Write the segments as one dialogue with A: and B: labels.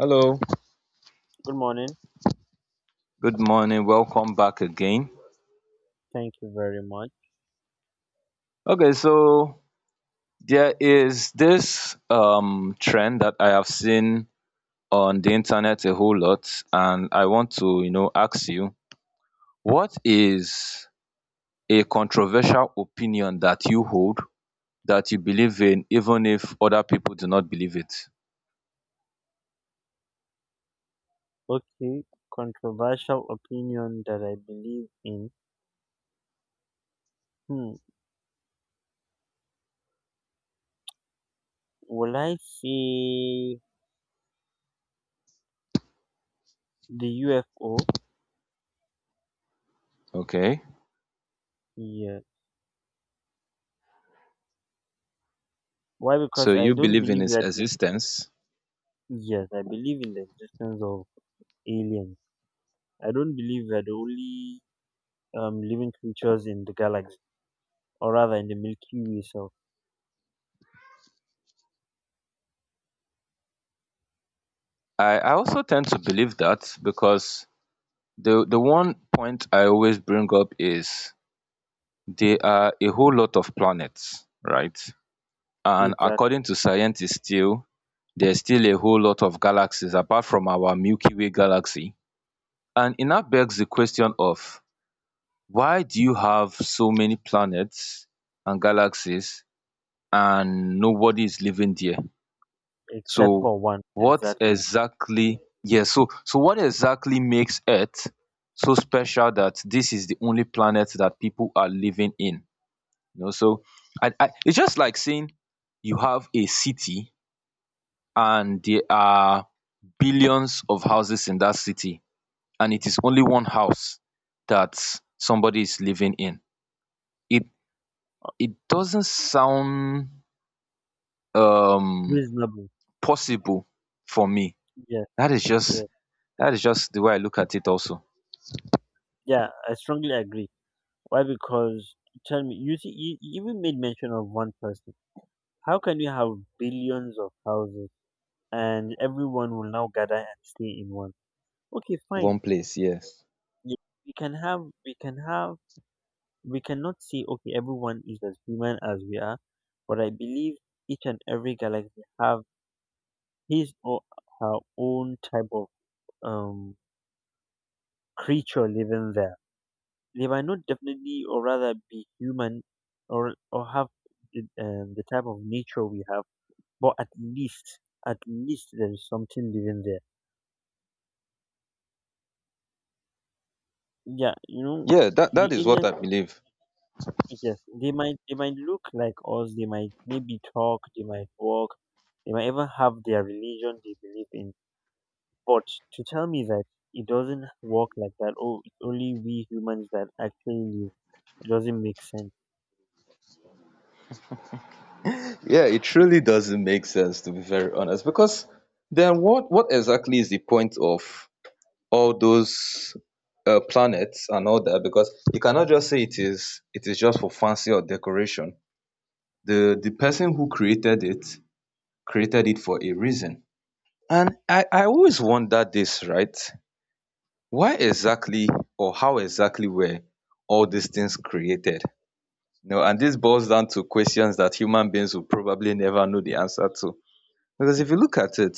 A: Hello,
B: Good morning.
A: good morning. Welcome back again.
B: Thank you very much.
A: Okay, so there is this trend that I have seen on the internet a whole lot, and I want to, you know, ask you, what is a controversial opinion that you hold that you believe in even if other people do not believe it?
B: Okay, controversial opinion that I believe in. Hmm. Will I say the UFO?
A: Okay?
B: Yeah. Why? Because
A: So
B: I
A: you
B: don't
A: believe in
B: believe
A: its
B: that.
A: existence.
B: Yes, I believe in the existence of aliens. I don't believe we're the only living creatures in the galaxy, or rather in the Milky Way. So,
A: I also tend to believe that because the one point I always bring up is there are a whole lot of planets, right? And
B: exact,
A: according to scientists still, there's still a whole lot of galaxies apart from our Milky Way galaxy. And it now begs the question of, why do you have so many planets and galaxies and nobody is living there?
B: except
A: So
B: for one, exactly.
A: what exactly makes Earth so special that this is the only planet that people are living in? You know, so I it's just like saying you have a city and there are billions of houses in that city and it is only one house that somebody is living in. It it doesn't sound um
B: Reasonable.
A: possible for me.
B: Yes,
A: That is just
B: yes,
A: that is just the way I look at it also.
B: yeah. I strongly agree. Why? Because tell me, you see, you even made mention of one person. How can you have billions of houses and everyone will now gather and stay in one? Okay, fine.
A: One place, yes.
B: You- We can have, we can have, we cannot say, okay, everyone is as human as we are, but I believe each and every galaxy have his or her own type of um creature living there. They might not definitely, or rather, be human, or have the type of nature we have, but at least there is something living there, yeah, you know,
A: Yeah, that
B: the
A: that is what
B: alien
A: I believe.
B: creatures, they might, they might look like us, they might maybe talk, they might walk, they might even have their religion they believe in. But to tell me that it doesn't work like that, oh, it's only we humans that actually live, it doesn't make sense.
A: Yeah, it really doesn't make sense, to be very honest. Because then what exactly is the point of all those planets and all that? Because you cannot just say it is just for fancy or decoration. The person who created it for a reason. And I always wonder this, right? Why exactly or how exactly were all these things created? You know, and this boils down to questions that human beings will probably never know the answer to. Because if you look at it,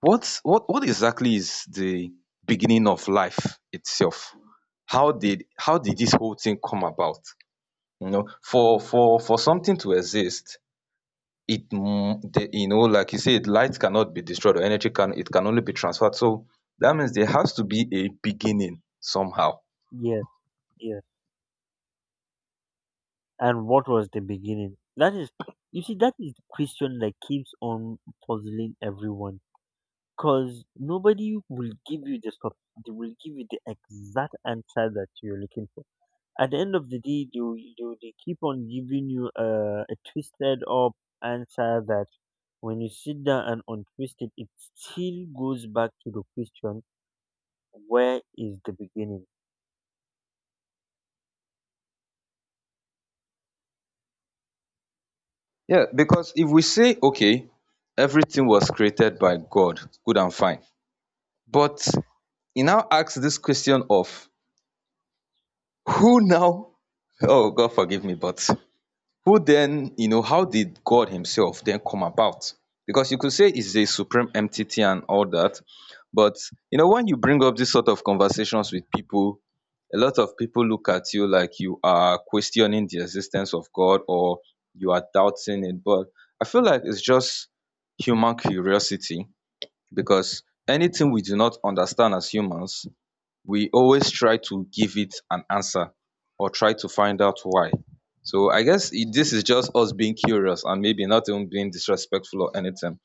A: what exactly is the beginning of life itself? How did this whole thing come about? You know, for something to exist, it like you said, light cannot be destroyed, or energy can, it can only be transferred. So that means there has to be a beginning somehow.
B: Yes, yes. And what was the beginning? That is, you see, that is the question that keeps on puzzling everyone, because nobody will give you the stuff. They will give you the exact answer that you're looking for. At the end of the day, they keep on giving you a twisted up answer that when you sit down and untwist it, it still goes back to the question: Where is the beginning?
A: Yeah, because if we say okay, everything was created by God, good and fine, but he now asks this question of, who now, oh God forgive me, but who then, you know, how did God Himself then come about? Because you could say it's a supreme entity and all that, but you know, when you bring up this sort of conversations with people, a lot of people look at you like you are questioning the existence of God or you are doubting it. But I feel like it's just human curiosity, because anything we do not understand as humans, we always try to give it an answer or try to find out why. So I guess it, this is just us being curious and maybe not even being disrespectful or anything,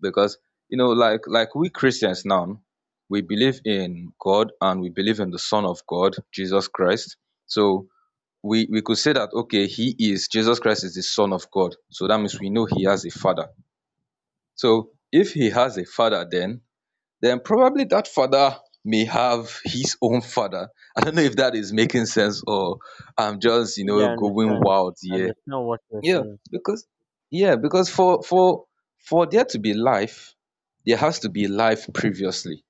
A: because you know, like we Christians now, we believe in God and we believe in the son of God, Jesus Christ. So we could say that okay, he is, Jesus Christ is the son of God. So that means we know he has a father. So if he has a father, then probably that father may have his own father. I don't know if that is making sense or I'm just, you
B: Yeah,
A: know,
B: I
A: going
B: understand.
A: wild
B: I
A: here.
B: understand what you're
A: Yeah,
B: saying.
A: because for there to be life, there has to be life previously.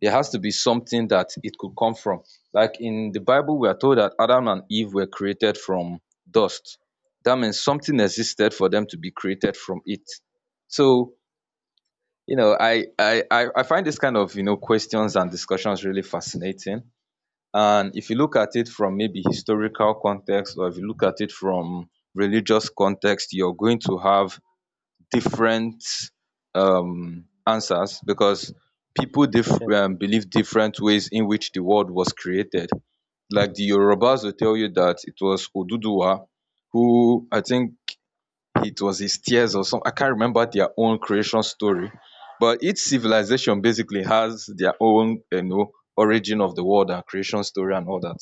A: There has to be something that it could come from. Like in the Bible, we are told that Adam and Eve were created from dust. That means something existed for them to be created from it. So you know, I find this kind of, you know, questions and discussions really fascinating. And if you look at it from maybe historical context, or if you look at it from religious context, you're going to have different answers, because people
B: Yeah.
A: believe different ways in which the world was created, like the yorubas will tell you that it was oduduwa, who I think it was his tears or some, I can't remember their own creation story. But each civilization basically has their own, you know, origin of the world and creation story and all that.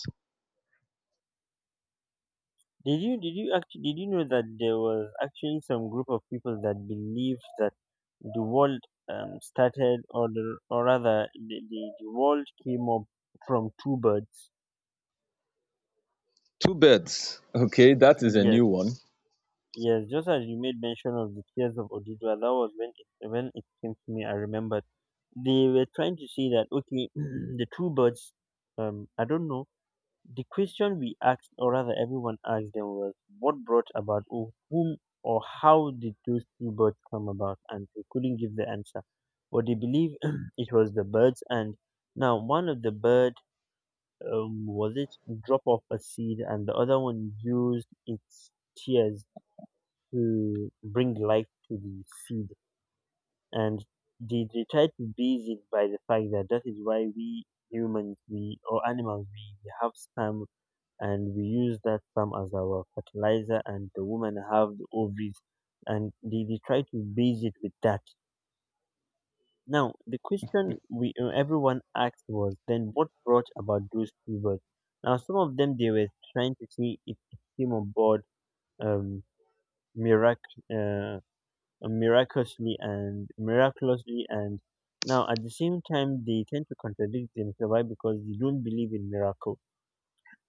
B: Did you actually did you know that there was actually some group of people that believed that the world started, or rather the world came up from two birds?
A: Two birds. Okay, that is a
B: Yes,
A: new one.
B: yes. Just as you made mention of the tears of Odidua, that was when it came to me. I remembered they were trying to say that, okay, the two birds. I don't know. The question we asked, or rather everyone asked them, was what brought about, or whom, or how did those two birds come about? And they couldn't give the answer. But they believe it was the birds. And now one of the bird, was it, drop off a seed, and the other one used its tears to bring life to the seed. And they tried to base it by the fact that that is why we humans, we or animals, we have sperm, and we use that sperm as our fertilizer, and the women have the ovaries, and they try to base it with that. Now the question we everyone asked was then what brought about those two. Now some of them, they were trying to see if it came on board, um mirac- uh, miraculously. And now at the same time they tend to contradict themselves. Why? Because they don't believe in miracles.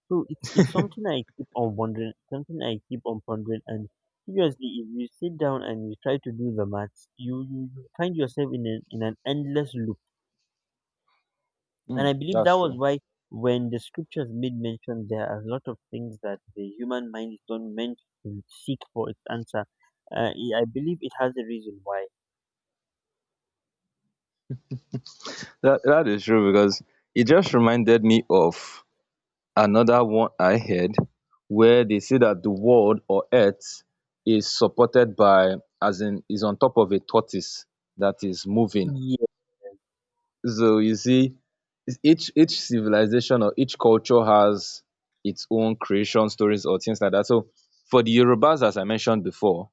B: So it's something I keep on wondering, something I keep on pondering. And seriously, if you sit down and you try to do the maths, you find yourself in an endless loop. And I
A: Mm,
B: believe that
A: that's
B: was
A: true.
B: why, when the scriptures made mention, there are a lot of things that the human mind is not meant to seek for its answer. I believe it has a reason why.
A: That is true, because it just reminded me of another one I heard, where they say that the world or earth is supported by, as in is on top of a tortoise that is moving.
B: Yes,
A: So you see, is each civilization or each culture has its own creation stories or things like that. So for the Yorubas, as I mentioned before,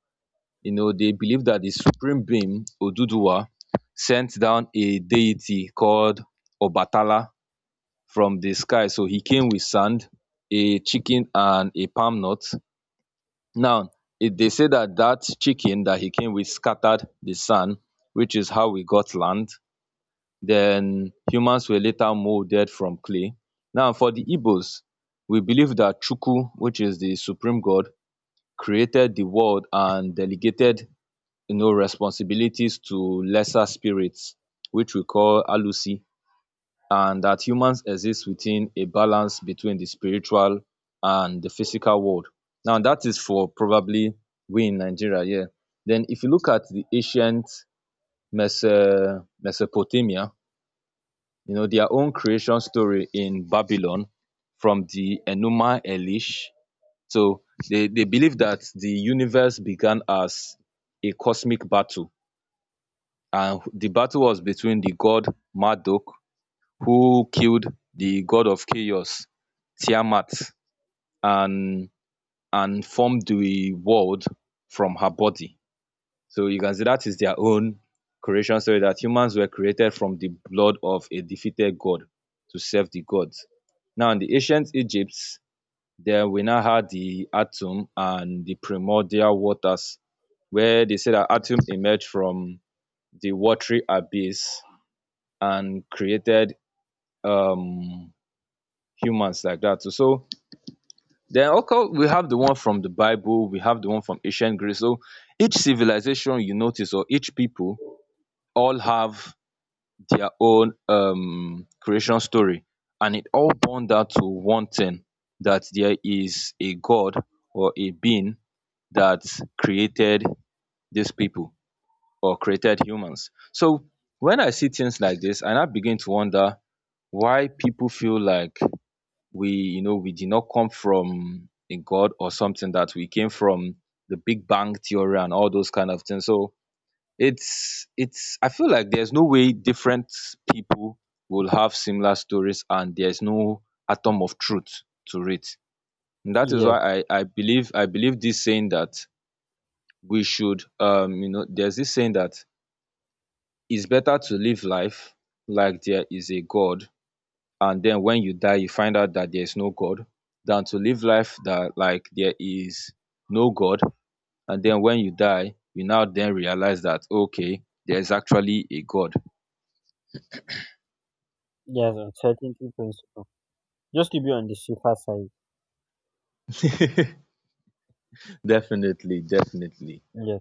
A: you know, they believe that the supreme being Oduduwa sent down a deity called Obatala from the sky. So he came with sand, a chicken, and a palm nut. Now it, they say that that chicken that he came with scattered the sun, which is how we got land, then humans were later molded from clay. Now for the Igbos, we believe that Chukwu, which is the supreme god, created the world and delegated, you know, responsibilities to lesser spirits, which we call Alusi, and that humans exist within a balance between the spiritual and the physical world. Now that is for probably we in Nigeria, yeah. Then if you look at the ancient Mesopotamia, you know, their own creation story in Babylon from the Enuma Elish. So they believe that the universe began as a cosmic battle. And the battle was between the god Marduk, who killed the god of chaos, Tiamat, and, and formed the world from her body. So you can see that is their own creation story, that humans were created from the blood of a defeated god to serve the gods. Now, in the ancient Egypt, there we now had the atom and the primordial waters, where they say that atom emerged from the watery abyss and created um, humans like that. So, so then okay, we have the one from the Bible, we have the one from ancient Greece. So each civilization you notice, or each people, all have their own creation story, and it all born down to one thing, that there is a god or a being that created these people or created humans. So when I see things like this, and I now begin to wonder why people feel like we, you know, we did not come from a god or something, that we came from the big bang theory and all those kind of things. So it's I feel like there's no way different people will have similar stories and there's no atom of truth to it. And that is
B: yes,
A: why i believe, I believe this saying that we should you know, there's this saying that it's better to live life like there is a god, and then when you die you find out that there's no god, than to live life that like there is no god, and then when you die you now then realize that okay, there's actually a god.
B: yes, uncertainty principle. Just to be on the safer side.
A: Definitely, definitely.
B: Yes,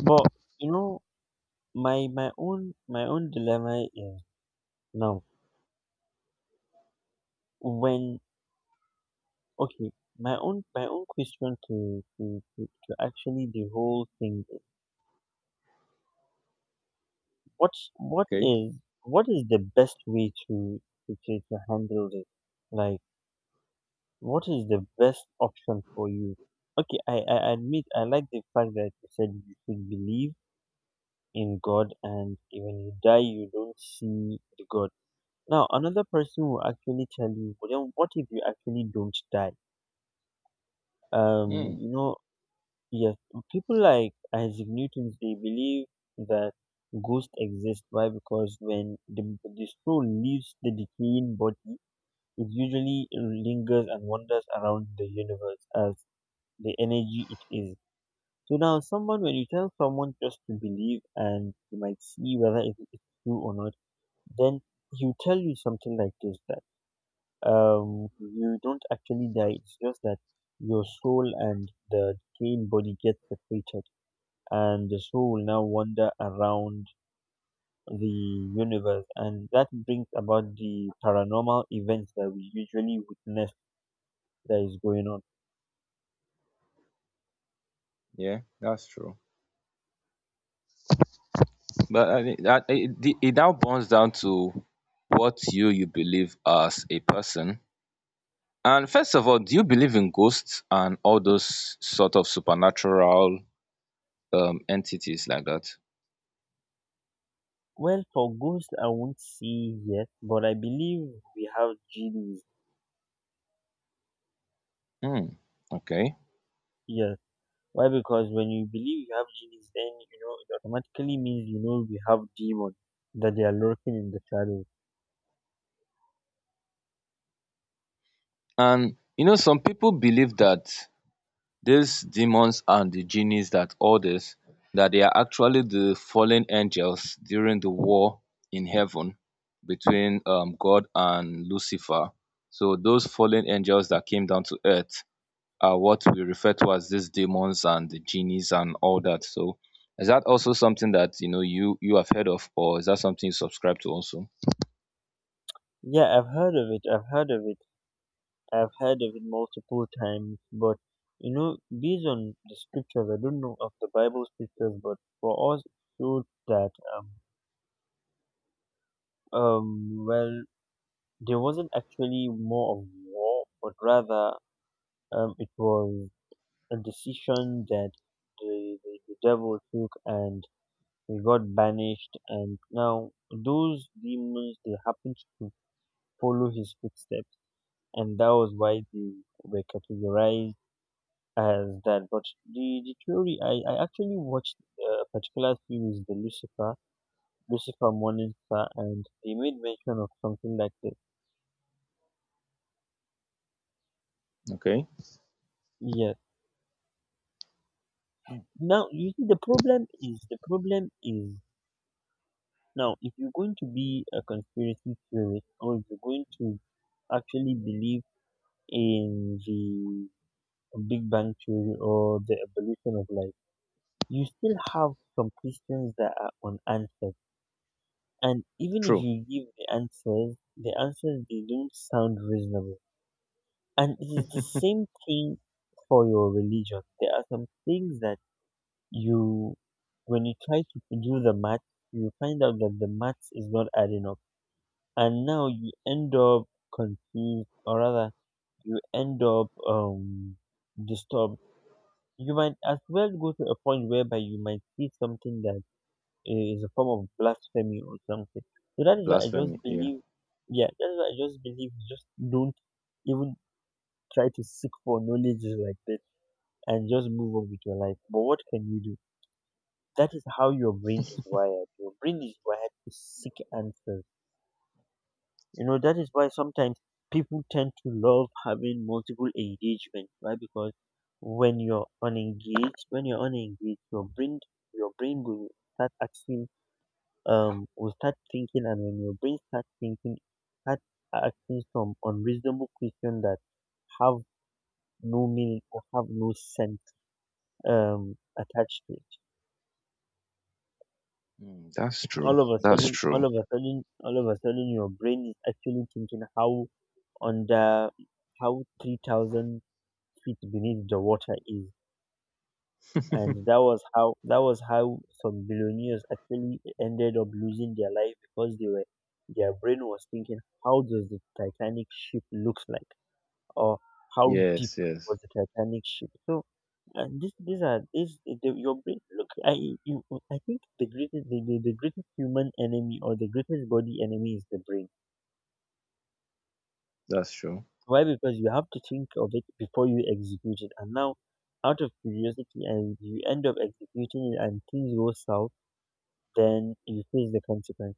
B: but you know, my own dilemma is. Now, when, okay, my own question to actually the whole thing. Is, What's what
A: Okay.
B: is what is the best way to handle this? Like, what is the best option for you? Okay, I admit I like the fact that you said you should believe in God, and when you die, you don't see the God. Now, another person will actually tell you, well, then what if you actually don't die? um
A: Hmm.
B: you know Yes, people like Isaac Newton's, they believe that ghosts exist. Why? Because when the soul leaves the decaying body, it usually lingers and wanders around the universe as the energy it is. So now, someone, when you tell someone just to believe and you might see whether it is true or not, then he'll tell you something like this, that you don't actually die. It's just that your soul and the decaying body get separated, and the soul now wander around the universe, and that brings about the paranormal events that we usually witness that is going on.
A: Yeah, that's true. But I think that it, it now boils down to what you believe as a person. And first of all, do you believe in ghosts and all those sort of supernatural entities like that?
B: Well, for ghosts, I won't say yet, but I believe we have genies
A: Hmm. Okay.
B: here. Why? Because when you believe you have genies, then you know it automatically means you know we have demons that they are lurking in the shadows.
A: And you know, some people believe that these demons and the genies that orders, that they are actually the fallen angels during the war in heaven between God and Lucifer. So those fallen angels that came down to earth are what we refer to as these demons and the genies and all that. So is that also something that you know you you have heard of, or is that something you subscribe to also?
B: Yeah, I've heard of it. I've heard of it. I've heard of it multiple times, but you know, based on the scriptures, I don't know of the Bible scriptures, but for us, it showed that well, there wasn't actually more of war, but rather it was a decision that the devil took, and he got banished, and now those demons, they happened to follow his footsteps, and that was why they were categorized as that. But the theory, I actually watched a particular series, the Lucifer, Lucifer Morning Star, and they made mention of something like this.
A: Okay.
B: Yeah.
A: Mm,
B: Now you see, the problem is now if you're going to be a conspiracy theorist or if you're going to actually believe in the Big Bang theory or the evolution of life, you still have some questions that are unanswered. And even if
A: true.
B: you give the answers they don't sound reasonable. And it is the same thing for your religion. There are some things that you, when you try to do the math, you find out that the maths is not adding up, and now you end up confused, or rather, you end up disturbed. You might as well go to a point whereby you might see something that is a form of blasphemy or something. So that is why I just
A: Blasphemy. Yeah.
B: believe, yeah, that is why I just believe, just don't even try to seek for knowledge like this, and just move on with your life. But what can you do? That is how your brain is wired. Your brain is wired to seek answers. You know, that is why sometimes people tend to love having multiple engagements. Why? Because when you're unengaged, your brain, your brain will start asking, will start thinking, and when your brain starts thinking, start asking some unreasonable question that have no meaning or have no sense attached to it.
A: Mm, that's true. That's true.
B: All of a sudden your brain is actually thinking how under, how 3,000 feet beneath the water is. And that was how, some billionaires actually ended up losing their life, because they were, their brain was thinking how does the titanic ship looks like, or how deep
A: Yes, yes,
B: was the titanic ship. So, and this, these are this the, your brain, look, you I think the greatest, the greatest human enemy, or the greatest body enemy, is the brain.
A: that's true.
B: Why? Because you have to think of it before you execute it, and now out of curiosity, and you end up executing it, and things go south, then you face the consequence.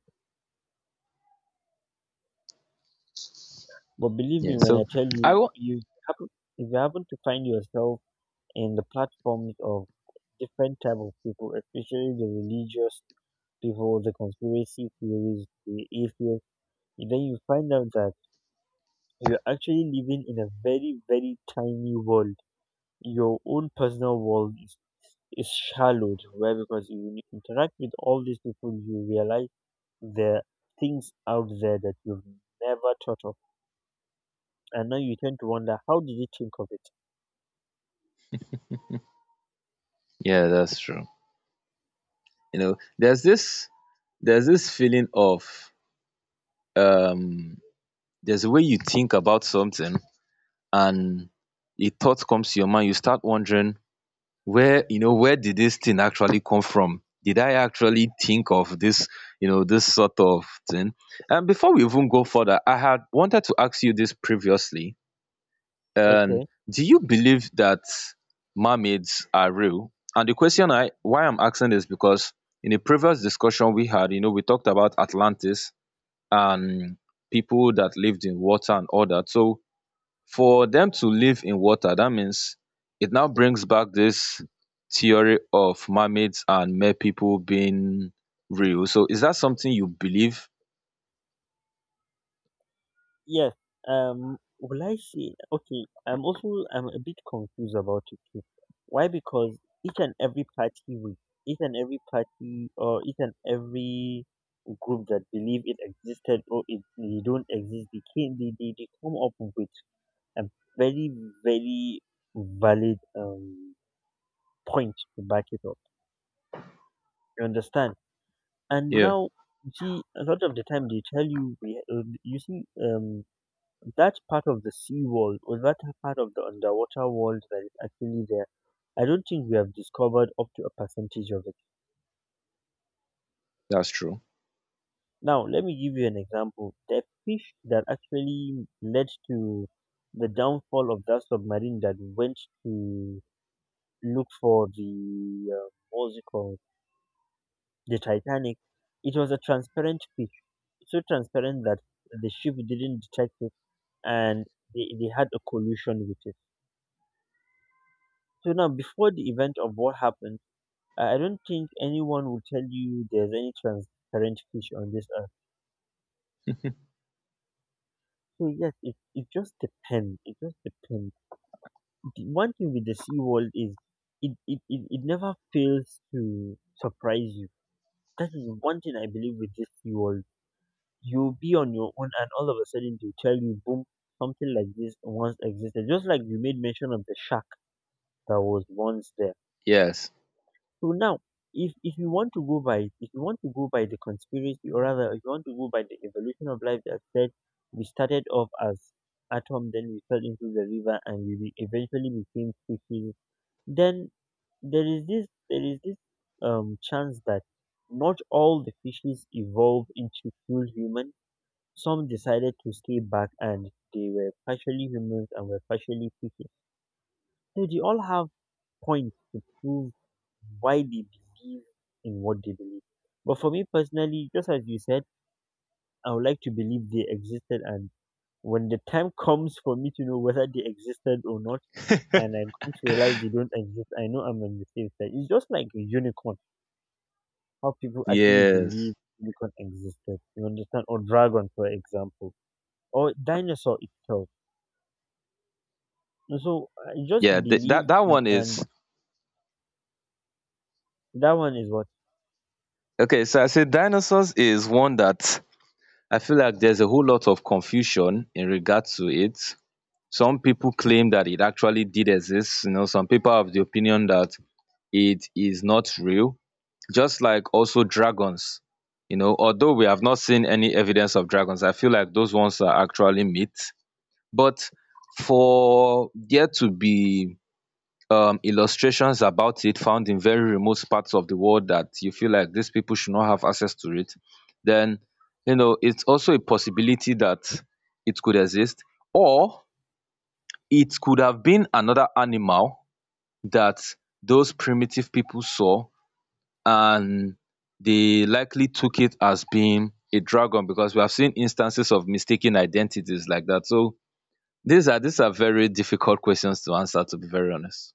B: But believe me
A: Yeah.
B: when I
A: So
B: tell
A: I
B: you,
A: want.
B: you happen if you happen to find yourself in the platforms of different type of people, especially the religious people, the conspiracy theories, the atheists, then you find out that you're actually living in a very, very tiny world. Your own personal world is shallowed where, because if you interact with all these people, you realize there are things out there that you've never thought of, and now you tend to wonder how did you think of it.
A: Yeah, that's true. You know, there's this feeling of um there's a way you think about something, and a thought comes to your mind. You start wondering where, you know, where did this thing actually come from? Did I actually think of this? You know, this sort of thing. And before we even go further, I had wanted to ask you this previously. um
B: Okay.
A: do you believe that mermaids are real? And the question I, why I'm asking is because in a previous discussion we had, you know, we talked about Atlantis and people that lived in water and all that. So for them to live in water, that means it now brings back this theory of mermaids and mer people being real. So is that something you believe?
B: Yes. Will I say, okay, I'm a bit confused about it too. Why? Because each and every party will each and every party, or each and every group that believe it existed, or it they don't exist, they came, they come up with a very, very valid point to back it up. You understand? And
A: Yeah,
B: now, you see, a lot of the time they tell you, we, you see, that part of the sea world, or that part of the underwater world that is actually there, I don't think we have discovered up to a percentage of it.
A: that's true.
B: Now, let me give you an example. The fish that actually led to the downfall of that submarine that went to look for the, what's it called, the Titanic, it was a transparent fish. So transparent that the ship didn't detect it, and they had a collusion with it. So now, before the event of what happened, I don't think anyone will tell you there's any transparent fish on this earth. So yes, it just depends. It just depends. The one thing with the sea world is it never fails to surprise you. That is one thing I believe with this sea world. You'll be on your own and all of a sudden they'll tell you, boom, something like this once existed. Just like you made mention of the shark that was once there.
A: Yes,
B: So now, if you want to go by, if you want to go by the conspiracy, or rather, if you want to go by the evolution of life that said we started off as atom, then we fell into the river, and we eventually became species, then there is this chance that not all the fishes evolved into full human. Some decided to stay back, and they were partially humans and were partially fishes. So they all have points to prove why they believe in what they believe. But for me personally, just as you said, I would like to believe they existed, and when the time comes for me to know whether they existed or not, and I come to realize they don't exist, I know I'm on the safe side. It's just like a unicorn, how people actually believe
A: yes.
B: unicorn existed. You understand? Or dragon, for example, or dinosaur itself. And so I just
A: Yeah, that
B: believe,
A: that one
B: and
A: is.
B: that one is what.
A: Okay, so I say dinosaurs is one that I feel like there's a whole lot of confusion in regard to it. Some people claim that it actually did exist. You know, some people have the opinion that it is not real. Just like also dragons. You know, although we have not seen any evidence of dragons, I feel like those ones are actually myth. But for there to be illustrations about it found in very remote parts of the world that you feel like these people should not have access to it, then you know it's also a possibility that it could exist, or it could have been another animal that those primitive people saw and they likely took it as being a dragon because we have seen instances of mistaken identities like that. So these are very difficult questions to answer, to be very honest.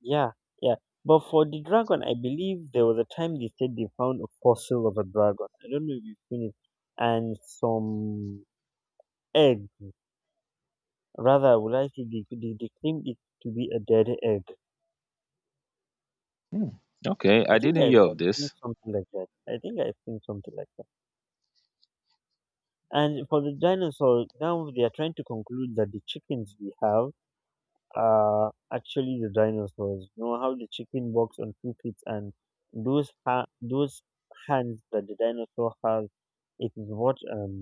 B: Yeah, yeah. But for the dragon, I believe there was a time they said they found a fossil of a dragon. I don't know if you've seen it. And some egg. Rather, would I say they claimed it to be a dead egg.
A: Okay,
B: I
A: I
B: think
A: didn't
B: I've,
A: hear
B: I've
A: of
B: seen
A: this.
B: something like that. I think I've seen something like that. And for the dinosaur, now they are trying to conclude that the chickens we have. Actually the dinosaurs. You know how the chicken walks on two feet, and those hands that the dinosaur has, it is what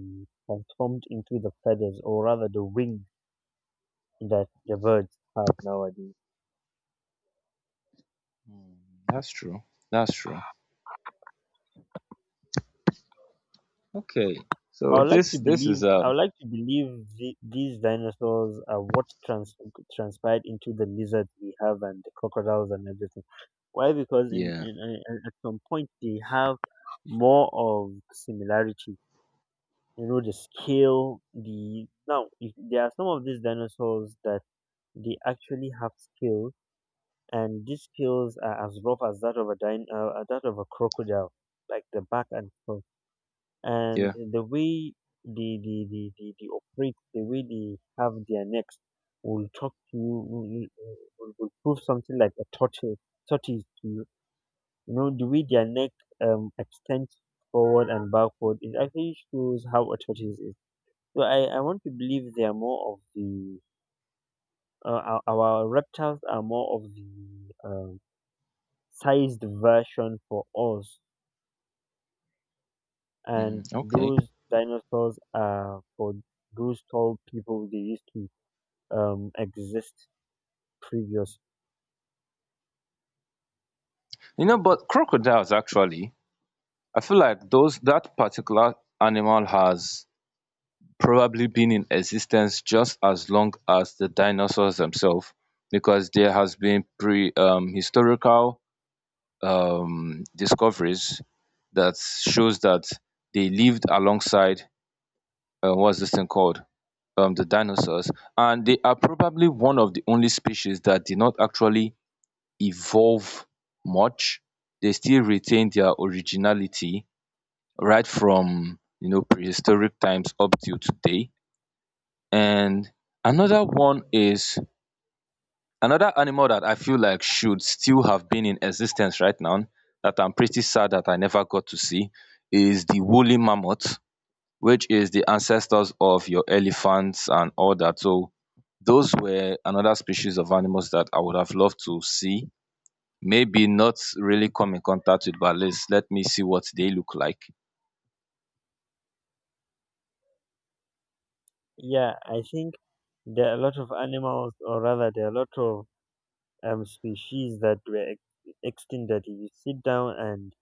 B: transformed into the feathers, or rather the wings that the birds have nowadays.
A: That's true. That's true. Okay. So
B: I would like
A: this
B: to
A: this
B: believe
A: is
B: I would like to believe the, these dinosaurs are what transpired into the lizards we have, and the crocodiles, and everything. Why? Because
A: yeah,
B: in at some point they have more of similarities. You know the scale the now if, there are some of these dinosaurs that they actually have scales, and these scales are as rough as that of a that of a crocodile, like the back and front, and
A: yeah.
B: the way they operate. The way they have their necks will talk to you, will prove something like a tortoise to you. You know the way their neck extends forward and backward, it actually shows how a tortoise is. So I want to believe they are more of the our reptiles are more of the sized version for us, and
A: Okay.
B: those dinosaurs are for those tall people they used to exist previous.
A: You know, but crocodiles actually, I feel like those, that particular animal has probably been in existence just as long as the dinosaurs themselves, because there has been pre historical discoveries that shows that they lived alongside what's this thing called? The dinosaurs, and they are probably one of the only species that did not actually evolve much. They still retain their originality right from, you know, prehistoric times up till today. And another one is, another animal that I feel like should still have been in existence right now that I'm pretty sad that I never got to see, is the woolly mammoth, which is the ancestors of your elephants and all that. So those were another species of animals that I would have loved to see. Maybe not really come in contact with, but at least let me see what they look like.
B: Yeah, I think there are a lot of animals, or rather, there are a lot of species that were extinct. That if you sit down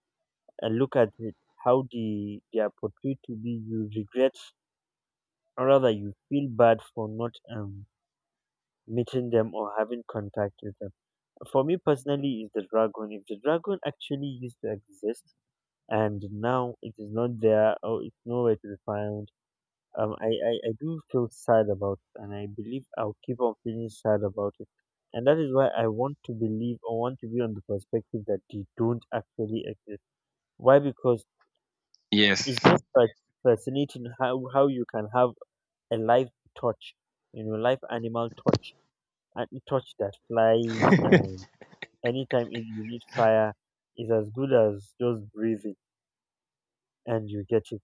B: and look at it, how they are portrayed to be, you regret, rather you feel bad for not meeting them or having contact with them. For me personally, is the dragon. If the dragon actually used to exist, and now it is not there, or it's nowhere to be found, I do feel sad about it, and I believe I'll keep on feeling sad about it. And that is why I want to believe, or want to be on the perspective that they don't actually exist. Why? Because
A: Yes.
B: it's just like fascinating how you can have a live torch, you know, live animal torch, and a torch that flies. And anytime if you need fire, is as good as just breathing, and you get it.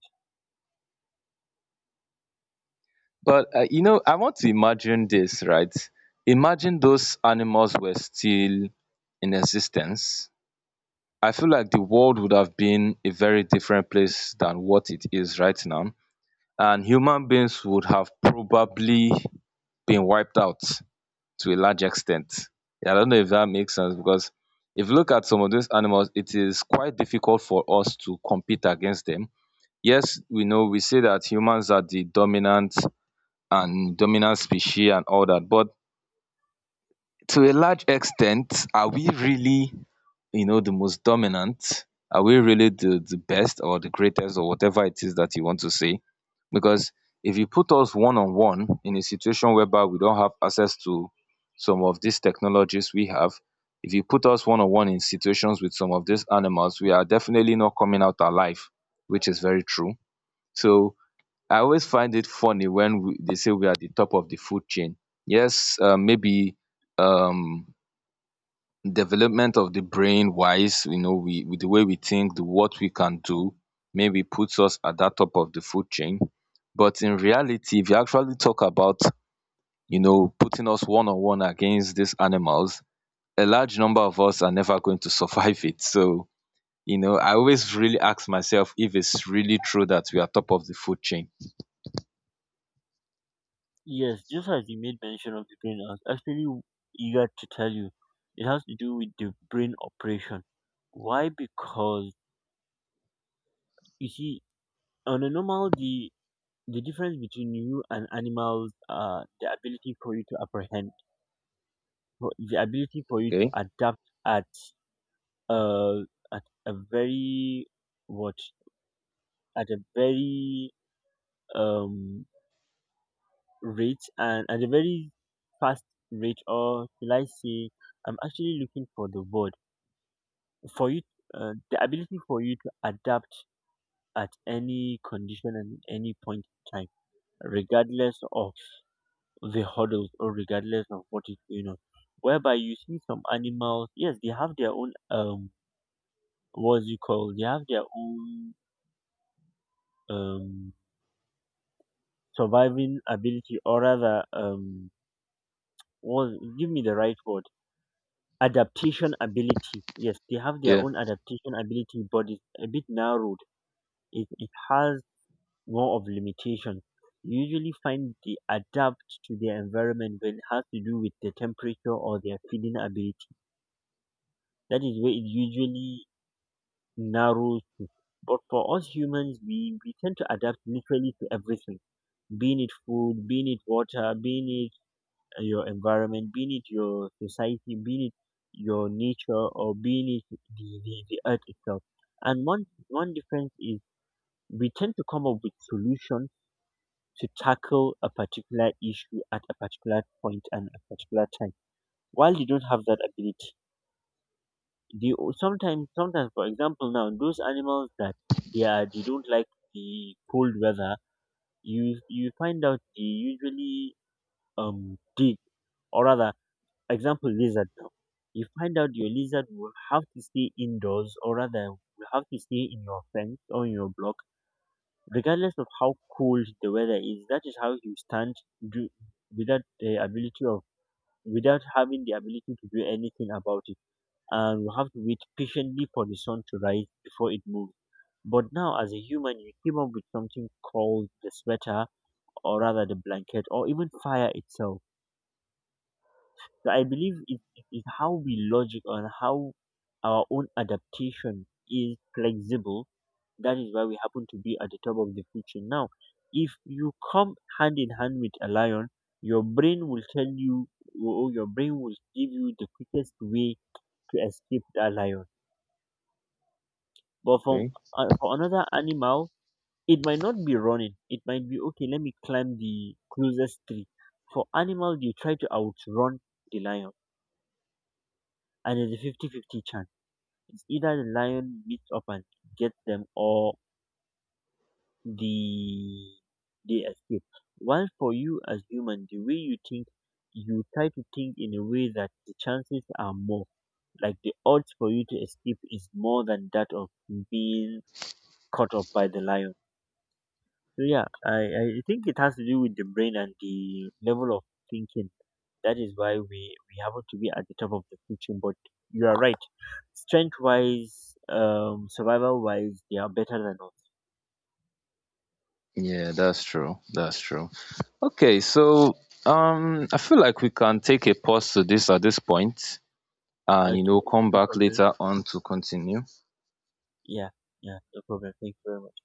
A: But you know, I want to imagine this, right? Imagine those animals were still in existence. I feel like the world would have been a very different place than what it is right now, and human beings would have probably been wiped out to a large extent. Yeah, I don't know if that makes sense, because if you look at some of these animals, it is quite difficult for us to compete against them. Yes, we know, we say that humans are the dominant and dominant species and all that, but to a large extent, are we really, you know, the most dominant? Are we really the best or the greatest or whatever it is that you want to say? Because if you put us one on one in a situation whereby we don't have access to some of these technologies we have, if you put us one on one in situations with some of these animals, we are definitely not coming out alive, which is very true. So I always find it funny when they say we are the top of the food chain. Yes, maybe um, development of the brain wise, you know, we, with the way we think, the what we can do, maybe puts us at that top of the food chain. But in reality, if you actually talk about, you know, putting us one on one against these animals, a large number of us are never going to survive it. So you know, I always really ask myself if it's really true that we are top of the food chain.
B: Yes, just as you made mention of the brain, I was actually eager to tell you. It has to do with the brain operation. Why? Because you see, on a normal day, the difference between you and animals are the ability for you to apprehend, the ability for you to
A: Okay.
B: adapt at uh, at a very what at a very um rate, and at a very fast rate, or will I say, I'm actually looking for the word for you, the ability for you to adapt at any condition and any point in time, regardless of the hurdles, or regardless of what is going on, whereby you see some animals, yes, they have their own what's it called, they have their own um surviving ability, or rather what, give me the right word, adaptation ability. Yes, they have their
A: Yeah.
B: own adaptation ability, but it's a bit narrowed. It has more of limitation. You usually find they adapt to their environment when it has to do with the temperature or their feeding ability. That is where it usually narrows to. But for us humans, we tend to adapt literally to everything, being it food, being it water, being your environment, be it your society, be it your nature, or be it the earth itself. And one difference is we tend to come up with solutions to tackle a particular issue at a particular point and a particular time. While they don't have that ability, they sometimes, for example, now those animals that they are, they don't like the cold weather. You find out they usually dig, or rather, example lizard now, you find out your lizard will have to stay indoors, or rather will have to stay in your fence or in your block regardless of how cold the weather is. That is how you stand do, without the ability of, without having the ability to do anything about it, and you have to wait patiently for the sun to rise before it moves. But now, as a human, you came up with something called the sweater, or rather the blanket, or even fire itself. So I believe it is how we logic, and how our own adaptation is flexible. That is why we happen to be at the top of the food chain. Now, if you come hand in hand with a lion, your brain will tell you, or your brain will give you the quickest way to escape that lion. But from
A: Okay.
B: for another animal, it might not be running. It might be okay. Let me climb the closest tree. For animals, they try to outrun the lion, and it's a fifty-fifty chance. It's either the lion meets up and gets them, or the they escape. While for you as human, the way you think, you try to think in a way that the chances are more, like the odds for you to escape is more than that of being caught up by the lion. So yeah, I think it has to do with the brain and the level of thinking. That is why we happen to be at the top of the food chain. But you are right. Strength wise, survival wise, they are better than us.
A: Yeah, that's true. That's true. Okay, so I feel like we can take a pause to this at this point and, you know,
B: Okay,
A: come
B: no
A: back
B: problem.
A: later on to continue.
B: Yeah, yeah, no problem. Thank you very much.